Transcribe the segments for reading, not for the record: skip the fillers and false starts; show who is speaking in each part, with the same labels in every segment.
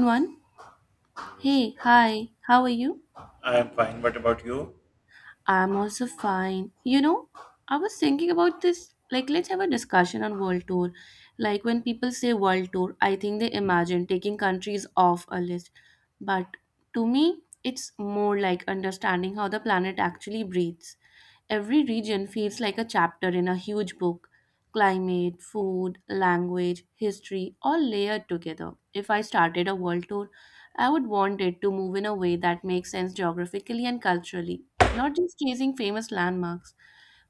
Speaker 1: One.
Speaker 2: Yes,
Speaker 1: Hey, hi, how are you?
Speaker 2: I am fine. What about you?
Speaker 1: I'm also fine. You know, I was thinking about this. Like, let's have a discussion on world tour. Like, when people say world tour, I think they imagine taking countries off a list. But to me, it's more like understanding how the planet actually breathes. Every region feels like a chapter in a huge book. Climate, food, language, history, all layered together. If I started a world tour, I would want it to move in a way that makes sense geographically and culturally not just chasing famous landmarks.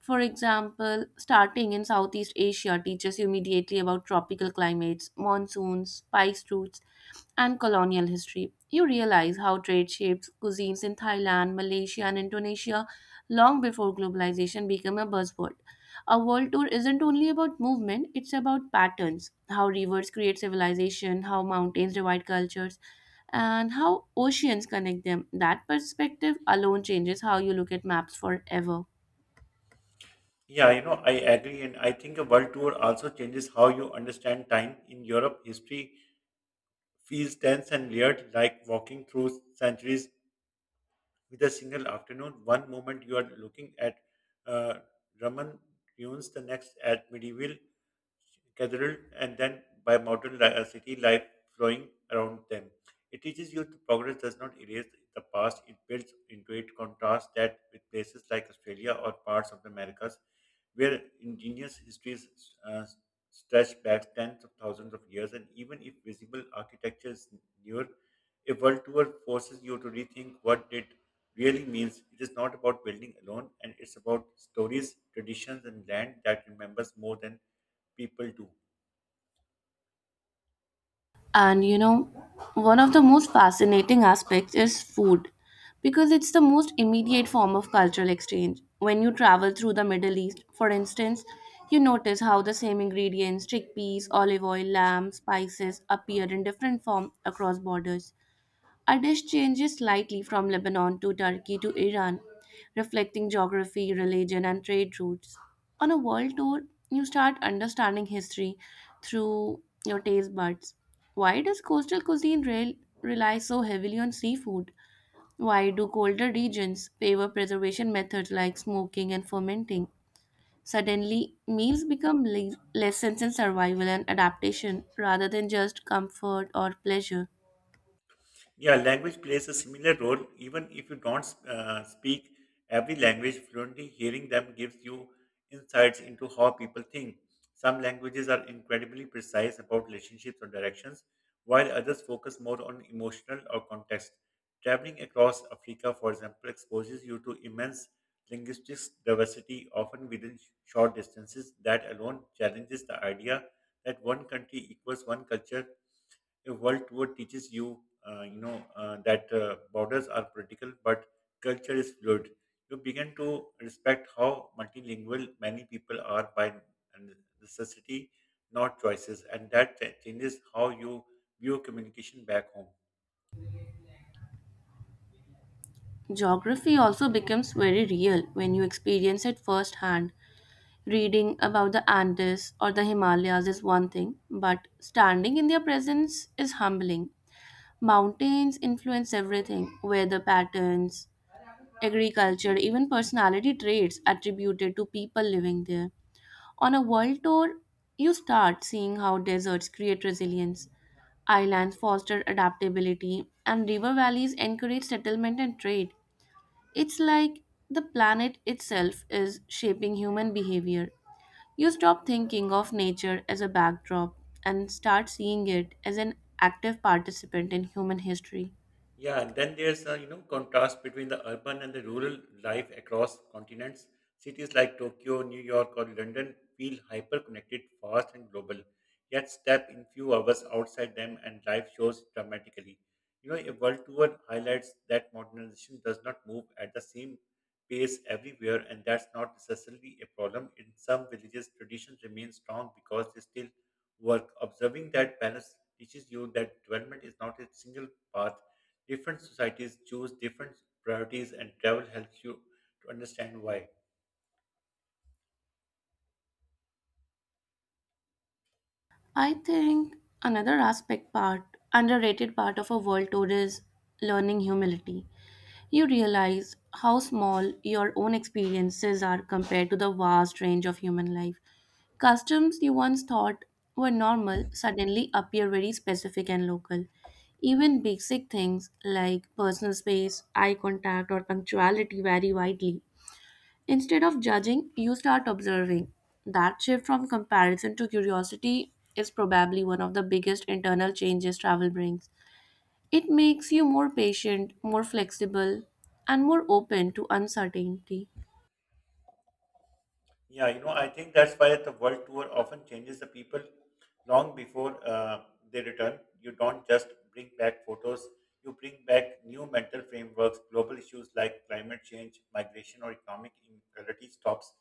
Speaker 1: For example, starting in Southeast Asia teaches you immediately about tropical climates, monsoons, spice routes, and colonial history. You realize how trade shapes cuisines in Thailand, Malaysia, and Indonesia long before globalization became a buzzword. A world tour isn't only about movement, it's about patterns how rivers create civilization, how mountains divide cultures, and how oceans connect them. That perspective alone changes how you look at maps forever.
Speaker 2: Yeah, I agree, and I think a world tour also changes how you understand time. In Europe, history feels dense and layered, like walking through centuries with a single afternoon. One moment you are looking at uh, Roman ruins, the next at medieval cathedral and then by modern city life flowing around them. It teaches you that progress does not erase the past, it builds into it contrast that with places like Australia or parts of the Americas, where ingenious histories uh, stretch back tens of thousands of years, and even if visible architecture is newer, a world tour forces you to rethink what it really means. It is not about building alone, and it's about stories, traditions, and land that remembers more than people do.
Speaker 1: And you know, one of the most fascinating aspects is food because it's the most immediate form of cultural exchange. When you travel through the Middle East, for instance, you notice how the same ingredients, chickpeas, olive oil, lamb, spices, appear in different form across borders. Our dish changes slightly from Lebanon to Turkey to Iran, reflecting geography, religion, and trade routes. On a world tour, you start understanding history through your taste buds. Why does coastal cuisine rely so heavily on seafood? Why do colder regions favor preservation methods like smoking and fermenting? Suddenly, meals become lessons in survival and adaptation rather than just comfort or pleasure.
Speaker 2: Yeah, language plays a similar role. Even if you don't speak every language fluently, hearing them gives you insights into how people think. Some languages are incredibly precise about relationships or directions, while others focus more on emotional or context. Traveling across Africa, for example, exposes you to immense linguistic diversity, often within short distances. That alone challenges the idea that one country equals one culture. A world tour teaches you that borders are political, but culture is fluid. You begin to respect how multilingual many people are by necessity, not choices, and that changes how you view communication back home.
Speaker 1: Geography also becomes very real when you experience it firsthand. Reading about the Andes or the Himalayas is one thing, but standing in their presence is humbling. Mountains influence everything weather patterns, agriculture, even personality traits attributed to people living there. On a world tour, you start seeing how deserts create resilience, islands foster adaptability, and river valleys encourage settlement and trade. It's like the planet itself is shaping human behavior. You stop thinking of nature as a backdrop and start seeing it as an active participant in human history.
Speaker 2: Yeah, and then there's a contrast between the urban and the rural life across continents. Cities like Tokyo, New York, or London feel hyper-connected, fast, and global. Yet step in few hours outside them, and life shows dramatically. A world tour highlights that modernization does not move at the same pace everywhere, and that's not necessarily a problem. In some villages, traditions remain strong because they still work. Observing that balance teaches you that development is not a single path. Different societies choose different priorities, and travel helps you to understand why.
Speaker 1: I think another aspect part, underrated part of a world tour is learning humility. You realize how small your own experiences are compared to the vast range of human life. Customs you once thought were normal suddenly appear very specific and local. Even basic things like personal space, eye contact, or punctuality vary widely. Instead of judging, you start observing. That shift from comparison to curiosity is probably one of the biggest internal changes travel brings. It makes you more patient, more flexible, and more open to uncertainty.
Speaker 2: Yeah, I think that's why the world tour often changes the people long before they return. You don't just bring back photos, you bring back new mental frameworks. Global issues like climate change, migration, or economic inequality stops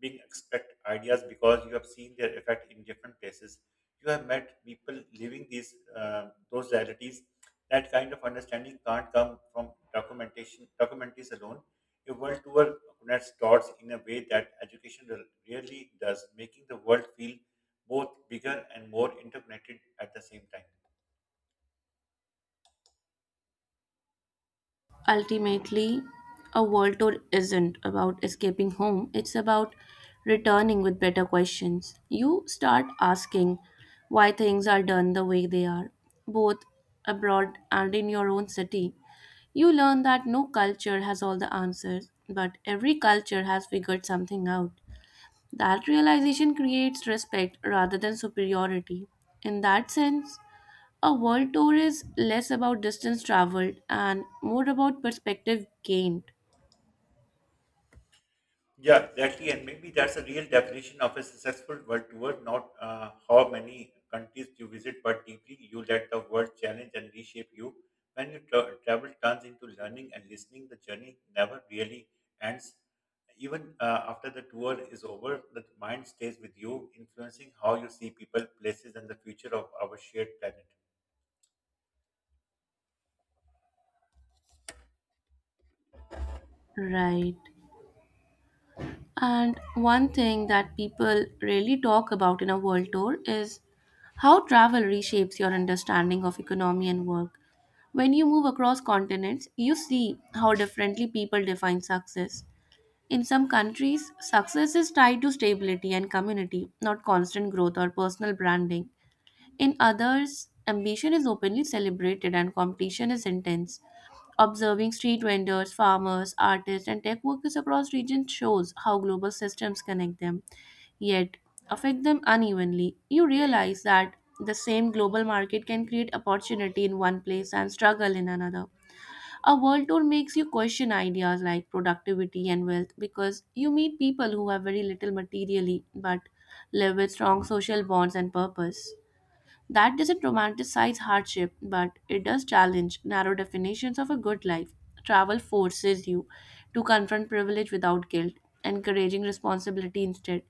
Speaker 2: being expect ideas because you have seen their effect in different places. You have met people living these those realities. That kind of understanding can't come from documentation documentaries alone. A world tour connects dots in a way that education really does, making the world feel both bigger and more interconnected at the same time.
Speaker 1: Ultimately, a world tour isn't about escaping home, it's about returning with better questions. You start asking why things are done the way they are, both abroad and in your own city. You learn that no culture has all the answers, but every culture has figured something out. That realization creates respect rather than superiority. In that sense, a world tour is less about distance traveled and more about perspective gained.
Speaker 2: Yeah, exactly. And maybe that's a real definition of a successful world tour, not how many countries you visit, but deeply you let the world challenge and reshape you. When you travel turns into learning and listening, the journey never really ends. Even after the tour is over, the mind stays with you, influencing how you see people, places, and the future of our shared planet.
Speaker 1: Right. And one thing that people really talk about in a world tour is how travel reshapes your understanding of economy and work. When you move across continents, you see how differently people define success. In some countries, success is tied to stability and community, not constant growth or personal branding. In others, ambition is openly celebrated and competition is intense. Observing street vendors, farmers, artists, and tech workers across regions shows how global systems connect them, yet affect them unevenly. You realize that the same global market can create opportunity in one place and struggle in another. A world tour makes you question ideas like productivity and wealth because you meet people who have very little materially but live with strong social bonds and purpose. That doesn't romanticize hardship, but it does challenge narrow definitions of a good life. Travel forces you to confront privilege without guilt, encouraging responsibility instead.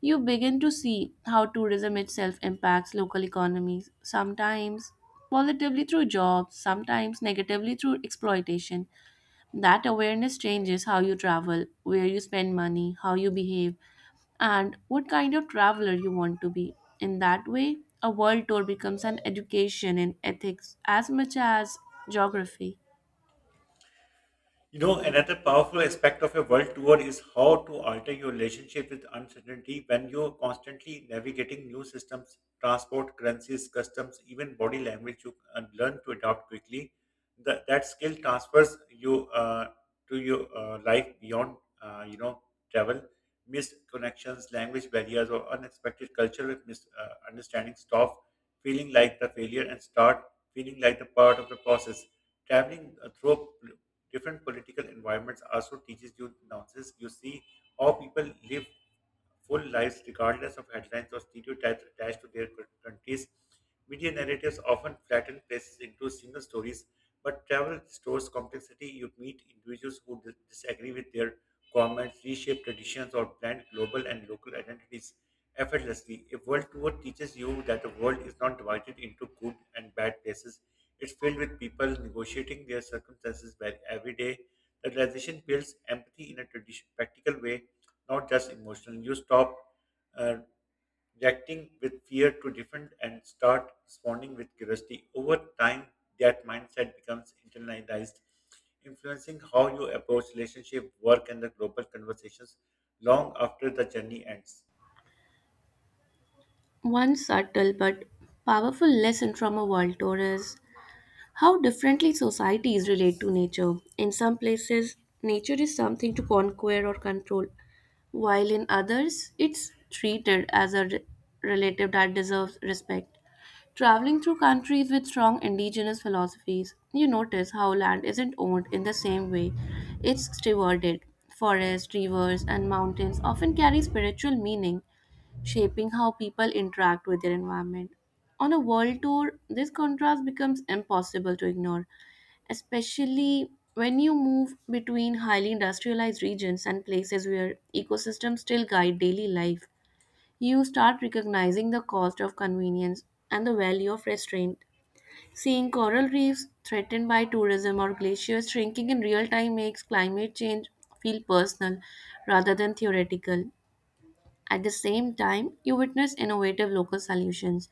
Speaker 1: You begin to see how tourism itself impacts local economies, sometimes positively through jobs, sometimes negatively through exploitation. That awareness changes how you travel, where you spend money, how you behave, and what kind of traveler you want to be. In that way, a world tour becomes an education in ethics as much as geography.
Speaker 2: Another powerful aspect of a world tour is how to alter your relationship with uncertainty when you're constantly navigating new systems, transport, currencies, customs, even body language. You learn to adapt quickly. That skill transfers you to your life beyond travel. Missed connections, language barriers, or unexpected cultural misunderstandings stop feeling like the failure and start feeling like the part of the process. Traveling through different political environments also teaches you nuances. You see how people live full lives regardless of headlines or stereotypes attached to their countries. Media narratives often flatten places into single stories, but travel stores complexity. You meet individuals who disagree with their governments, reshape traditions, or blend global and local identities effortlessly. A world tour teaches you that the world is not divided into good and bad places. It's filled with people negotiating their circumstances by every day. The realization builds empathy in a tradition, practical way not just emotional. You stop uh, reacting with fear to different and start responding with curiosity. Over time, that mindset becomes internalized, influencing how you approach relationship, work, and the global conversations long after the journey ends.
Speaker 1: One subtle but powerful lesson from a world tour is how differently societies relate to nature. In some places, nature is something to conquer or control, while in others, it's treated as a relative that deserves respect. Traveling through countries with strong indigenous philosophies, you notice how land isn't owned in the same way. It's stewarded. Forests, rivers, and mountains often carry spiritual meaning, shaping how people interact with their environment. On a world tour, this contrast becomes impossible to ignore, especially when you move between highly industrialized regions and places where ecosystems still guide daily life. You start recognizing the cost of convenience and the value of restraint. Seeing coral reefs threatened by tourism or glaciers shrinking in real time makes climate change feel personal rather than theoretical. At the same time, you witness innovative local solutions,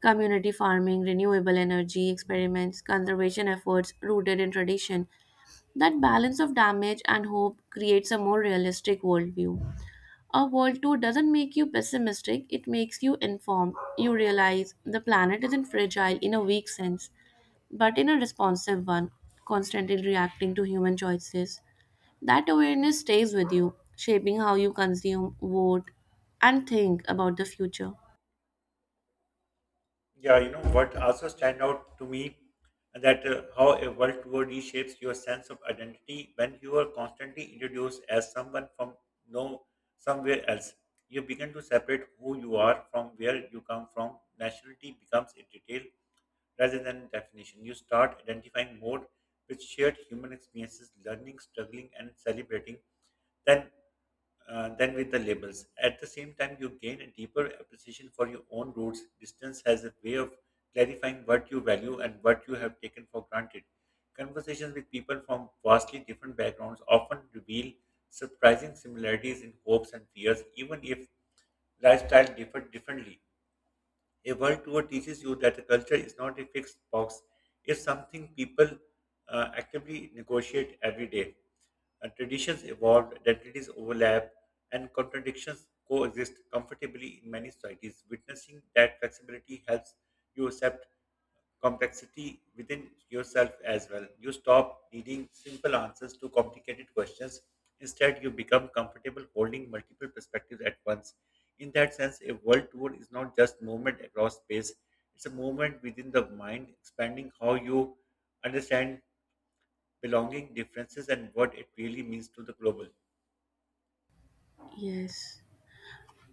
Speaker 1: community farming, renewable energy experiments, conservation efforts rooted in tradition. That balance of damage and hope creates a more realistic worldview. A world tour doesn't make you pessimistic, it makes you informed. You realize the planet isn't fragile in a weak sense but in a responsive one, constantly reacting to human choices. That awareness stays with you, shaping how you consume, vote, and think about the future.
Speaker 2: Yeah, you know what also stand out to me that how a world tour reshapes your sense of identity when you are constantly introduced as someone from no somewhere else. You begin to separate who you are from where you come from. Nationality becomes a detail rather than definition. You start identifying more with shared human experiences, learning, struggling, and celebrating. Then than with the labels. At the same time, you gain a deeper appreciation for your own roots. Distance has a way of clarifying what you value and what you have taken for granted. Conversations with people from vastly different backgrounds often reveal surprising similarities in hopes and fears, even if lifestyle differently. A world tour teaches you that a culture is not a fixed box, it's something people actively negotiate every day. Traditions evolve, identities overlap, and contradictions coexist comfortably in many societies. Witnessing that flexibility helps you accept complexity within yourself as well. You stop needing simple answers to complicated questions. Instead, you become comfortable holding multiple perspectives at once. In that sense, a world tour is not just movement across space, it's a movement within the mind, expanding how you understand belonging, differences, and what it really means to the global.
Speaker 1: Yes.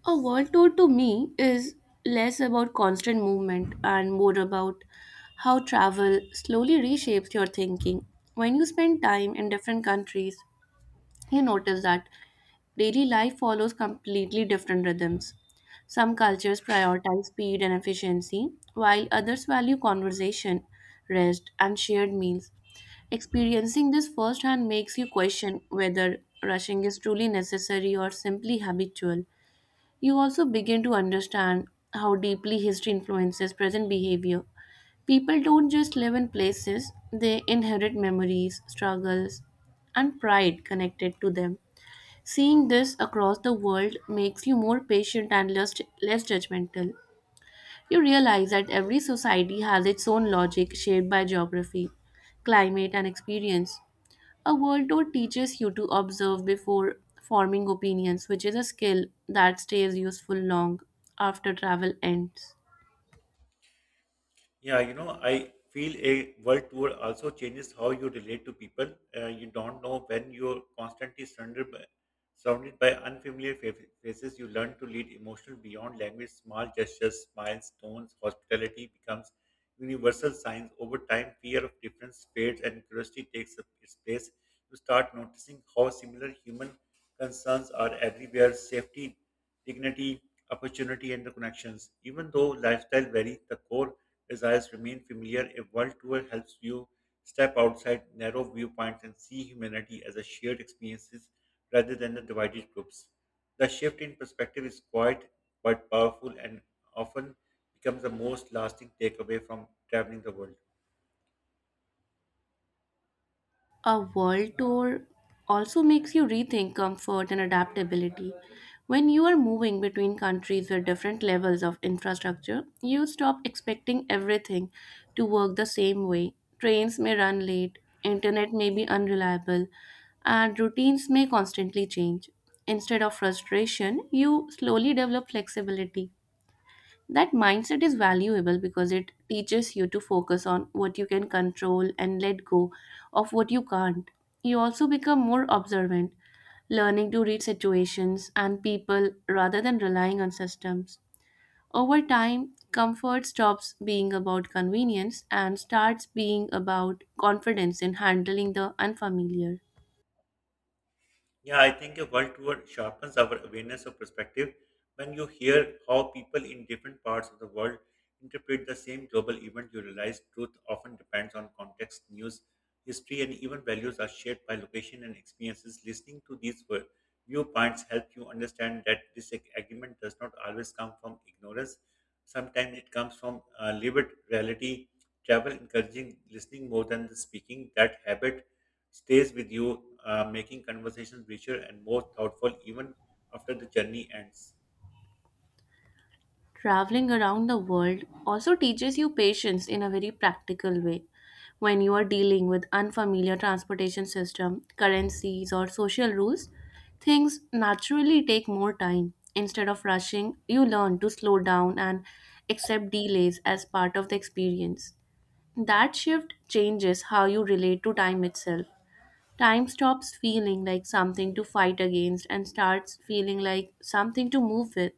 Speaker 1: A world tour to me is less about constant movement and more about how travel slowly reshapes your thinking. When you spend time in different countries, you notice that daily life follows completely different rhythms. Some cultures prioritize speed and efficiency, while others value conversation, rest, and shared meals. Experiencing this firsthand makes you question whether rushing is truly necessary or simply habitual. You also begin to understand how deeply history influences present behavior. People don't just live in places, they inherit memories, struggles, and pride connected to them. Seeing this across the world makes you more patient and less judgmental. You realize that every society has its own logic shaped by geography, climate, and experience. A world tour teaches you to observe before forming opinions, which is a skill that stays useful long after travel ends.
Speaker 2: Yeah, I feel a world tour also changes how you relate to people. You don't know when you're constantly surrounded by unfamiliar faces. You learn to lead emotional beyond language. Small gestures, smiles, tones, hospitality becomes universal signs. Over time, fear of difference fades and curiosity takes up its place. You start noticing how similar human concerns are everywhere: safety, dignity, opportunity, and the connections. Even though lifestyle varies, the core desires remain familiar. A world tour helps you step outside narrow viewpoints and see humanity as a shared experiences rather than the divided groups. The shift in perspective is quiet but powerful and often becomes the most lasting takeaway from traveling the world.
Speaker 1: A world tour also makes you rethink comfort and adaptability. When you are moving between countries with different levels of infrastructure, you stop expecting everything to work the same way. Trains may run late, internet may be unreliable, and routines may constantly change. Instead of frustration, you slowly develop flexibility. That mindset is valuable because it teaches you to focus on what you can control and let go of what you can't. You also become more observant, learning to read situations and people rather than relying on systems. Over time, comfort stops being about convenience and starts being about confidence in handling the unfamiliar.
Speaker 2: Yeah, I think a world tour sharpens our awareness of perspective when you hear how people in different parts of the world interpret the same global event. You realize truth often depends on context, news, history, and even values are shaped by location and experiences. Listening to these viewpoints help you understand that this does not always come from ignorance. Sometimes it comes from lived reality. Travel encouraging listening more than the speaking. That habit stays with you, making conversations richer and more thoughtful even after the journey ends.
Speaker 1: Traveling around the world also teaches you patience in a very practical way. When you are dealing with unfamiliar transportation system, currencies or social rules, things naturally take more time. Instead of rushing, you learn to slow down and accept delays as part of the experience. That shift changes how you relate to time itself. Time stops feeling like something to fight against and starts feeling like something to move with.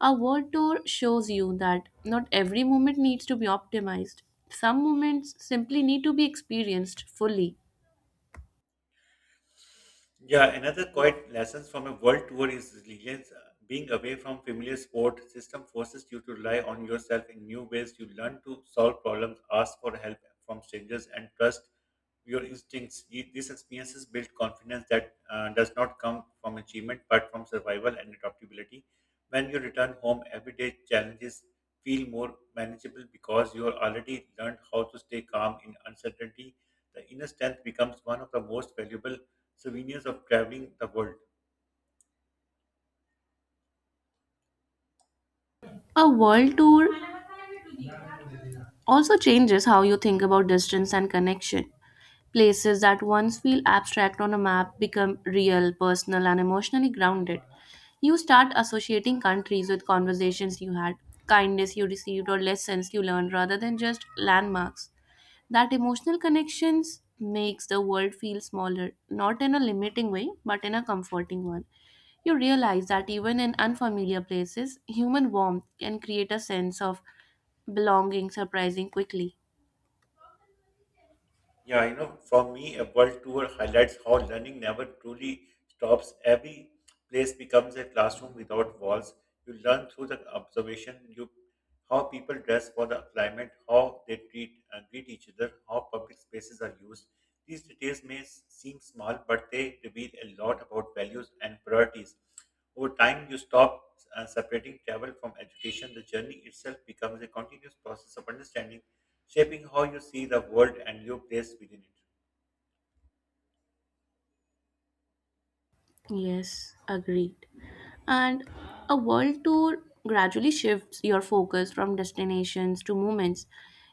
Speaker 1: A world tour shows you that not every moment needs to be optimized. Some moments simply need to be experienced fully.
Speaker 2: Yeah, another quiet lessons from a world tour is resilience. Being away from familiar support system forces you to rely on yourself in new ways. You learn to solve problems, ask for help from strangers, and trust your instincts. These experiences build confidence that does not come from achievement but from survival and adaptability. When you return home, everyday challenges feel more manageable because you are already learned how to stay calm in uncertainty. The inner strength becomes one of the most valuable souvenirs of traveling the world.
Speaker 1: A world tour also changes how you think about distance and connection. Places that once feel abstract on a map become real, personal, and emotionally grounded. You start associating countries with conversations you had, kindness you received, or lessons you learned rather than just landmarks. That emotional connections makes the world feel smaller, not in a limiting way, but in a comforting one. You realize that even in unfamiliar places, human warmth can create a sense of belonging surprising quickly.
Speaker 2: Yeah, for me, a world tour highlights how learning never truly stops. Every place becomes a classroom without walls. You learn through the observation, you how people dress for the climate, how they treat greet each other, how public spaces are used. These details may seem small, but they reveal a lot about values and priorities. Over time, you stop separating travel from education. The journey itself becomes a continuous process of understanding shaping how you see the world and your place within it.
Speaker 1: Yes, agreed. And a world tour gradually shifts your focus from destinations to moments.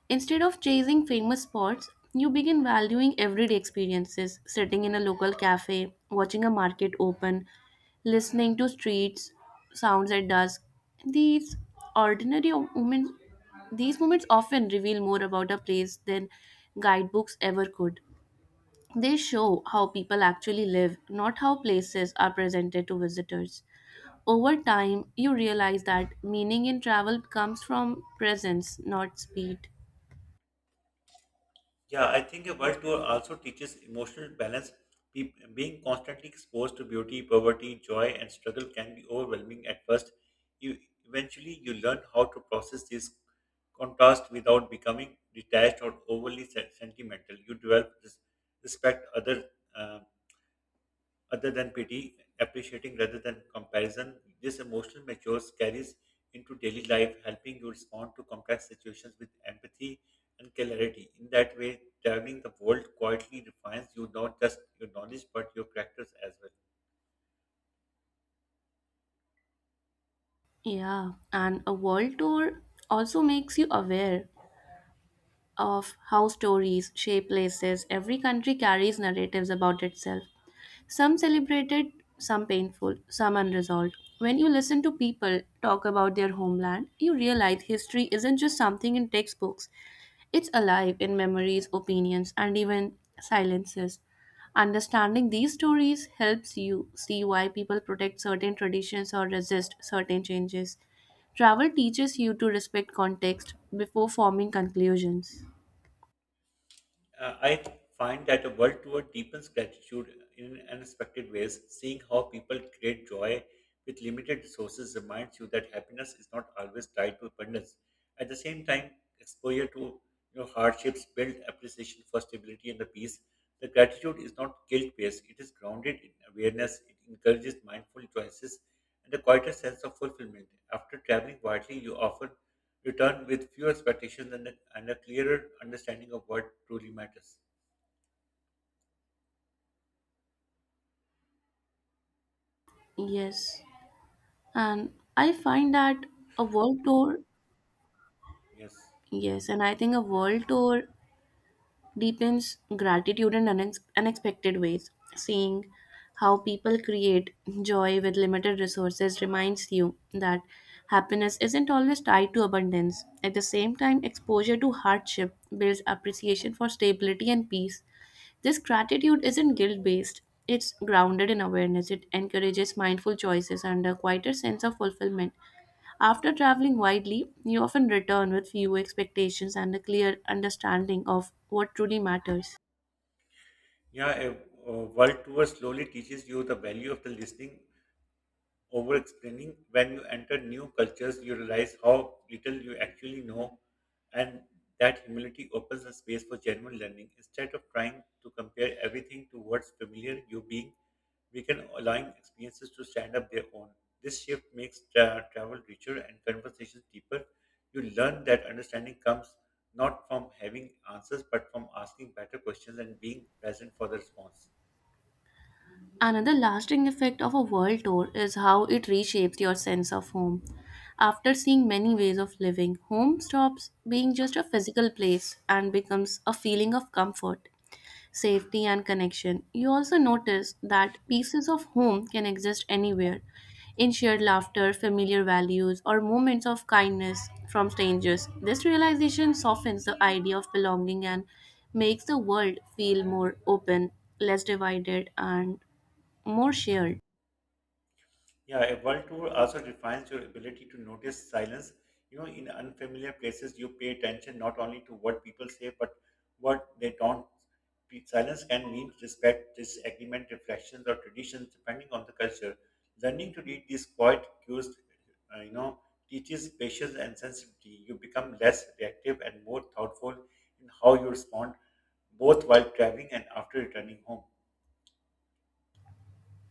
Speaker 1: Instead of chasing famous spots, you begin valuing everyday experiences, sitting in a local cafe, watching a market open, listening to streets sounds at dusk. These ordinary moments these moments often reveal more about a place than guidebooks ever could. They show how people actually live, not how places are presented to visitors. Over time, you realize that meaning in travel comes from presence, not speed.
Speaker 2: Yeah, I think a world tour also teaches emotional balance. Being constantly exposed to beauty, poverty, joy, and struggle can be overwhelming at first. You eventually you learn how to process these contrast without becoming detached or overly sentimental. You develop this respect uh, other than pity, appreciating rather than comparison. This emotional matures carries into daily life, helping you respond to complex situations with empathy and clarity. In that way, traveling the world quietly refines you not just your knowledge but your characters as well.
Speaker 1: Yeah, and a world tour also makes you aware of how stories shape places. Every country carries narratives about itself. Some celebrated, some painful, some unresolved. When you listen to people talk about their homeland, you realize history isn't just something in textbooks. It's alive in memories, opinions, and even silences. Understanding these stories helps you see why people protect certain traditions or resist certain changes. Travel teaches you to respect context before forming conclusions.
Speaker 2: I find that a world tour deepens gratitude in unexpected ways. Seeing how people create joy with limited resources reminds you that happiness is not always tied to abundance. At the same time, exposure to hardships build appreciation for stability and the peace. The gratitude is not guilt-based; it is grounded in awareness. It encourages mindful choices and a quieter sense of fulfillment. After traveling widely, you often return with fewer expectations and a clearer understanding of what truly matters.
Speaker 1: Yes. And I find that a world tour,
Speaker 2: Yes.
Speaker 1: yes, and I think a world tour deepens gratitude in unexpected ways. Seeing how people create joy with limited resources reminds you that happiness isn't always tied to abundance. At the same time, exposure to hardship builds appreciation for stability and peace. This gratitude isn't guilt based, it's grounded in awareness. It encourages mindful choices and a quieter sense of fulfillment. After traveling widely, you often return with few expectations and a clear understanding of what truly matters.
Speaker 2: Yeah, a world tour slowly teaches you the value of the listening over explaining. When you enter new cultures, you realize how little you actually know, and that humility opens a space for genuine learning. Instead of trying to compare everything to what's familiar you being, we can align experiences to stand up their own. This shift makes travel richer and conversations deeper. You learn that understanding comes not from having answers, but from asking better questions and being present for the response.
Speaker 1: Another lasting effect of a world tour is how it reshapes your sense of home. After seeing many ways of living, home stops being just a physical place and becomes a feeling of comfort, safety, and connection. You also notice that pieces of home can exist anywhere in shared laughter, familiar values, or moments of kindness from strangers. This realization softens the idea of belonging and makes the world feel more open, less divided, and more shared.
Speaker 2: Yeah, a world tour also defines your ability to notice silence. You know, in unfamiliar places, you pay attention not only to what people say, but what they don't. Silence can mean respect, disagreement, reflections, or traditions, depending on the culture. Learning to read these quiet cues, uh, you know, teaches patience and sensitivity. You become less reactive and more thoughtful in how you respond, both while traveling and after returning home.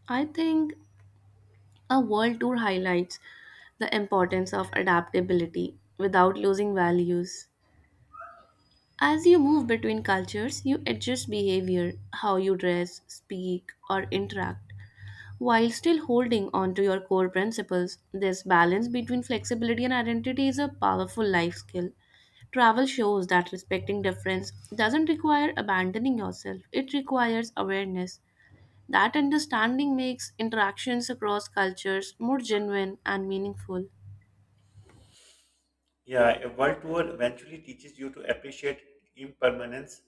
Speaker 1: I think a world tour highlights the importance of adaptability without losing values. As you move between cultures, you adjust behavior, how you dress, speak, or interact, while still holding on to your core principles. This balance between flexibility and identity is a powerful life skill. Travel shows that respecting difference doesn't require abandoning yourself, it requires awareness. That understanding makes interactions across cultures more genuine and meaningful.
Speaker 2: Yeah, a world tour eventually teaches you to appreciate impermanence.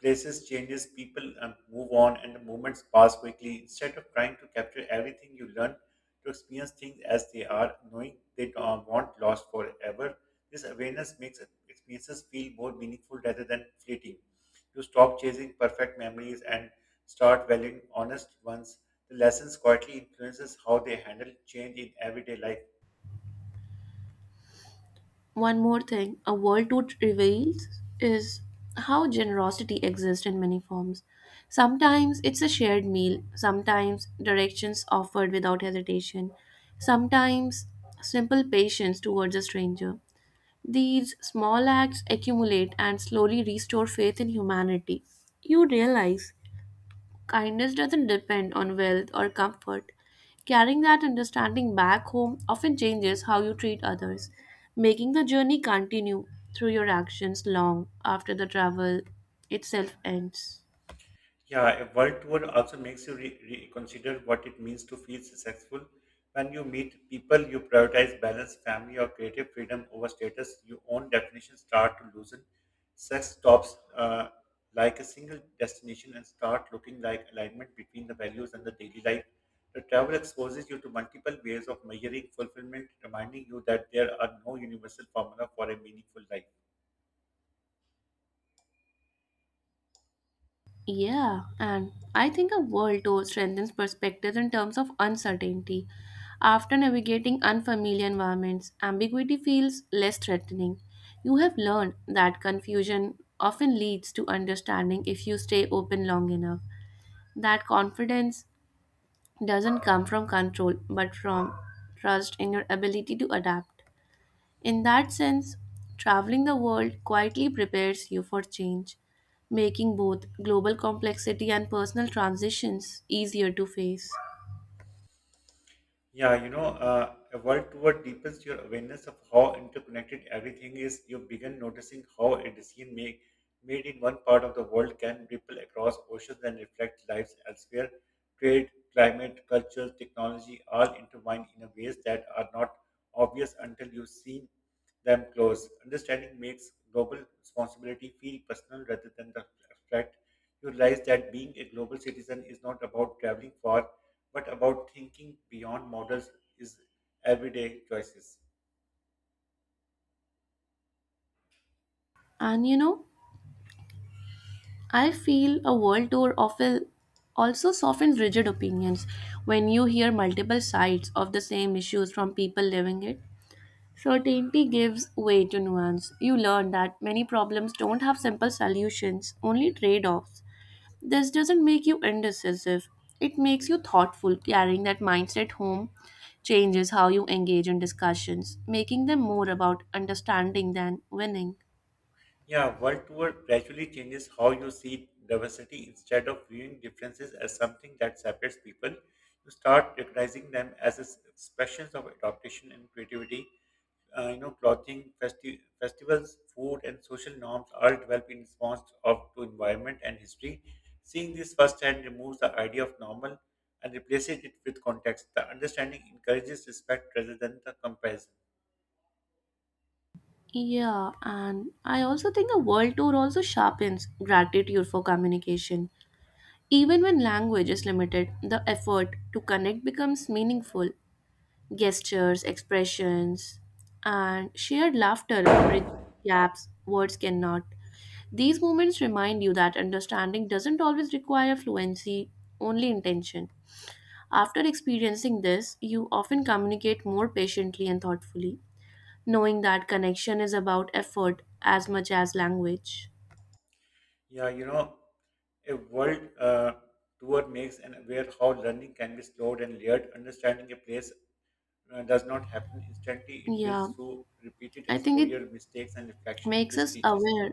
Speaker 2: Places changes, people move on, and the moments pass quickly. Instead of trying to capture everything you learn, to experience things as they are, knowing they won't last forever. This awareness makes experiences feel more meaningful rather than fleeting. You stop chasing perfect memories and start valuing honest ones. The lessons quietly influences how they handle change in everyday life.
Speaker 1: One more thing a world tour reveals is how generosity exists in many forms. Sometimes it's a shared meal, sometimes directions offered without hesitation, sometimes simple patience towards a stranger. These small acts accumulate and slowly restore faith in humanity. You realize kindness doesn't depend on wealth or comfort. Carrying that understanding back home often changes how you treat others, making the journey continue through your actions long after the travel itself ends.
Speaker 2: Yeah, a world tour also makes you reconsider what it means to feel successful. When you meet people, you prioritize balance, family, or creative freedom over status. Your own definitions start to loosen. Sex stops like a single destination and start looking like alignment between the values and the daily life. The travel exposes you to multiple ways of measuring fulfillment, reminding you that there are no universal formula for a meaningful life.
Speaker 1: Yeah, and I think a world tour strengthens perspectives in terms of uncertainty. After navigating unfamiliar environments, ambiguity feels less threatening. You have learned that confusion often leads to understanding if you stay open long enough. That confidence doesn't come from control, but from trust in your ability to adapt. In that sense, traveling the world quietly prepares you for change, making both global complexity and personal transitions easier to face.
Speaker 2: Yeah, a work toward deepens your awareness of how interconnected everything is. You begin noticing how a made in one part of the world can ripple across oceans and reflect lives elsewhere. Trade, climate, culture, technology all intertwine in a ways that are not obvious until you see them close. Understanding makes global responsibility feel personal rather than the abstract. You realize that being a global citizen is not about traveling far but about thinking beyond models is everyday choices.
Speaker 1: And you know, I feel a world tour often also softens rigid opinions when you hear multiple sides of the same issues from people living it. Certainty gives way to nuance. You learn that many problems don't have simple solutions, only trade offs. This doesn't make you indecisive, it makes you thoughtful. Carrying that mindset home changes how you engage in discussions, making them more about understanding than winning.
Speaker 2: Yeah, world tour gradually changes how you see diversity instead of viewing differences as something that separates people. You start recognizing them as expressions of adaptation and creativity clothing, festivals, food, and social norms all develop in response of to environment and history. Seeing this firsthand removes the idea of normal and replaces it with context. The understanding encourages respect rather than the comparison.
Speaker 1: Yeah, and I also think a world tour also sharpens gratitude for communication. Even when language is limited, the effort to connect becomes meaningful. Gestures, expressions, and shared laughter bridge gaps words cannot. These moments remind you that understanding doesn't always require fluency, only intention. After experiencing this, you often communicate more patiently and thoughtfully, knowing that connection is about effort as much as language.
Speaker 2: Yeah, a world tour makes an aware how learning can be slowed and layered. Understanding a place does not happen instantly. It
Speaker 1: Yeah,
Speaker 2: builds through repeated
Speaker 1: I think it
Speaker 2: exposure, mistakes, and reflection.
Speaker 1: makes us aware.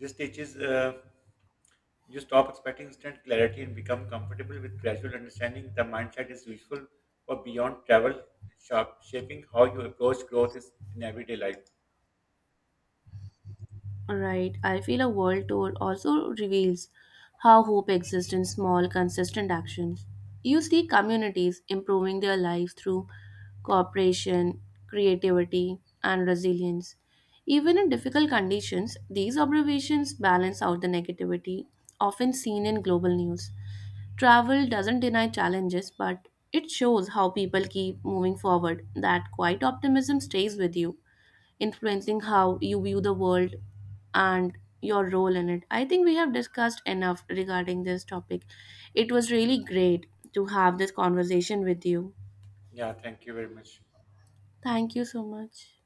Speaker 2: This teaches. You stop expecting instant clarity and become comfortable with gradual understanding. The mindset is useful for beyond travel, shaping how you approach growth is in everyday life.
Speaker 1: Right, I feel a world tour also reveals how hope exists in small, consistent actions. You see communities improving their lives through cooperation, creativity, and resilience. Even in difficult conditions, these observations balance out the negativity often seen in global news. Travel doesn't deny challenges, but it shows how people keep moving forward. That quiet optimism stays with you, influencing how you view the world and your role in it. I think we have discussed enough regarding this topic. It was really great to have this conversation with you.
Speaker 2: Yeah, thank you very much.
Speaker 1: Thank you so much.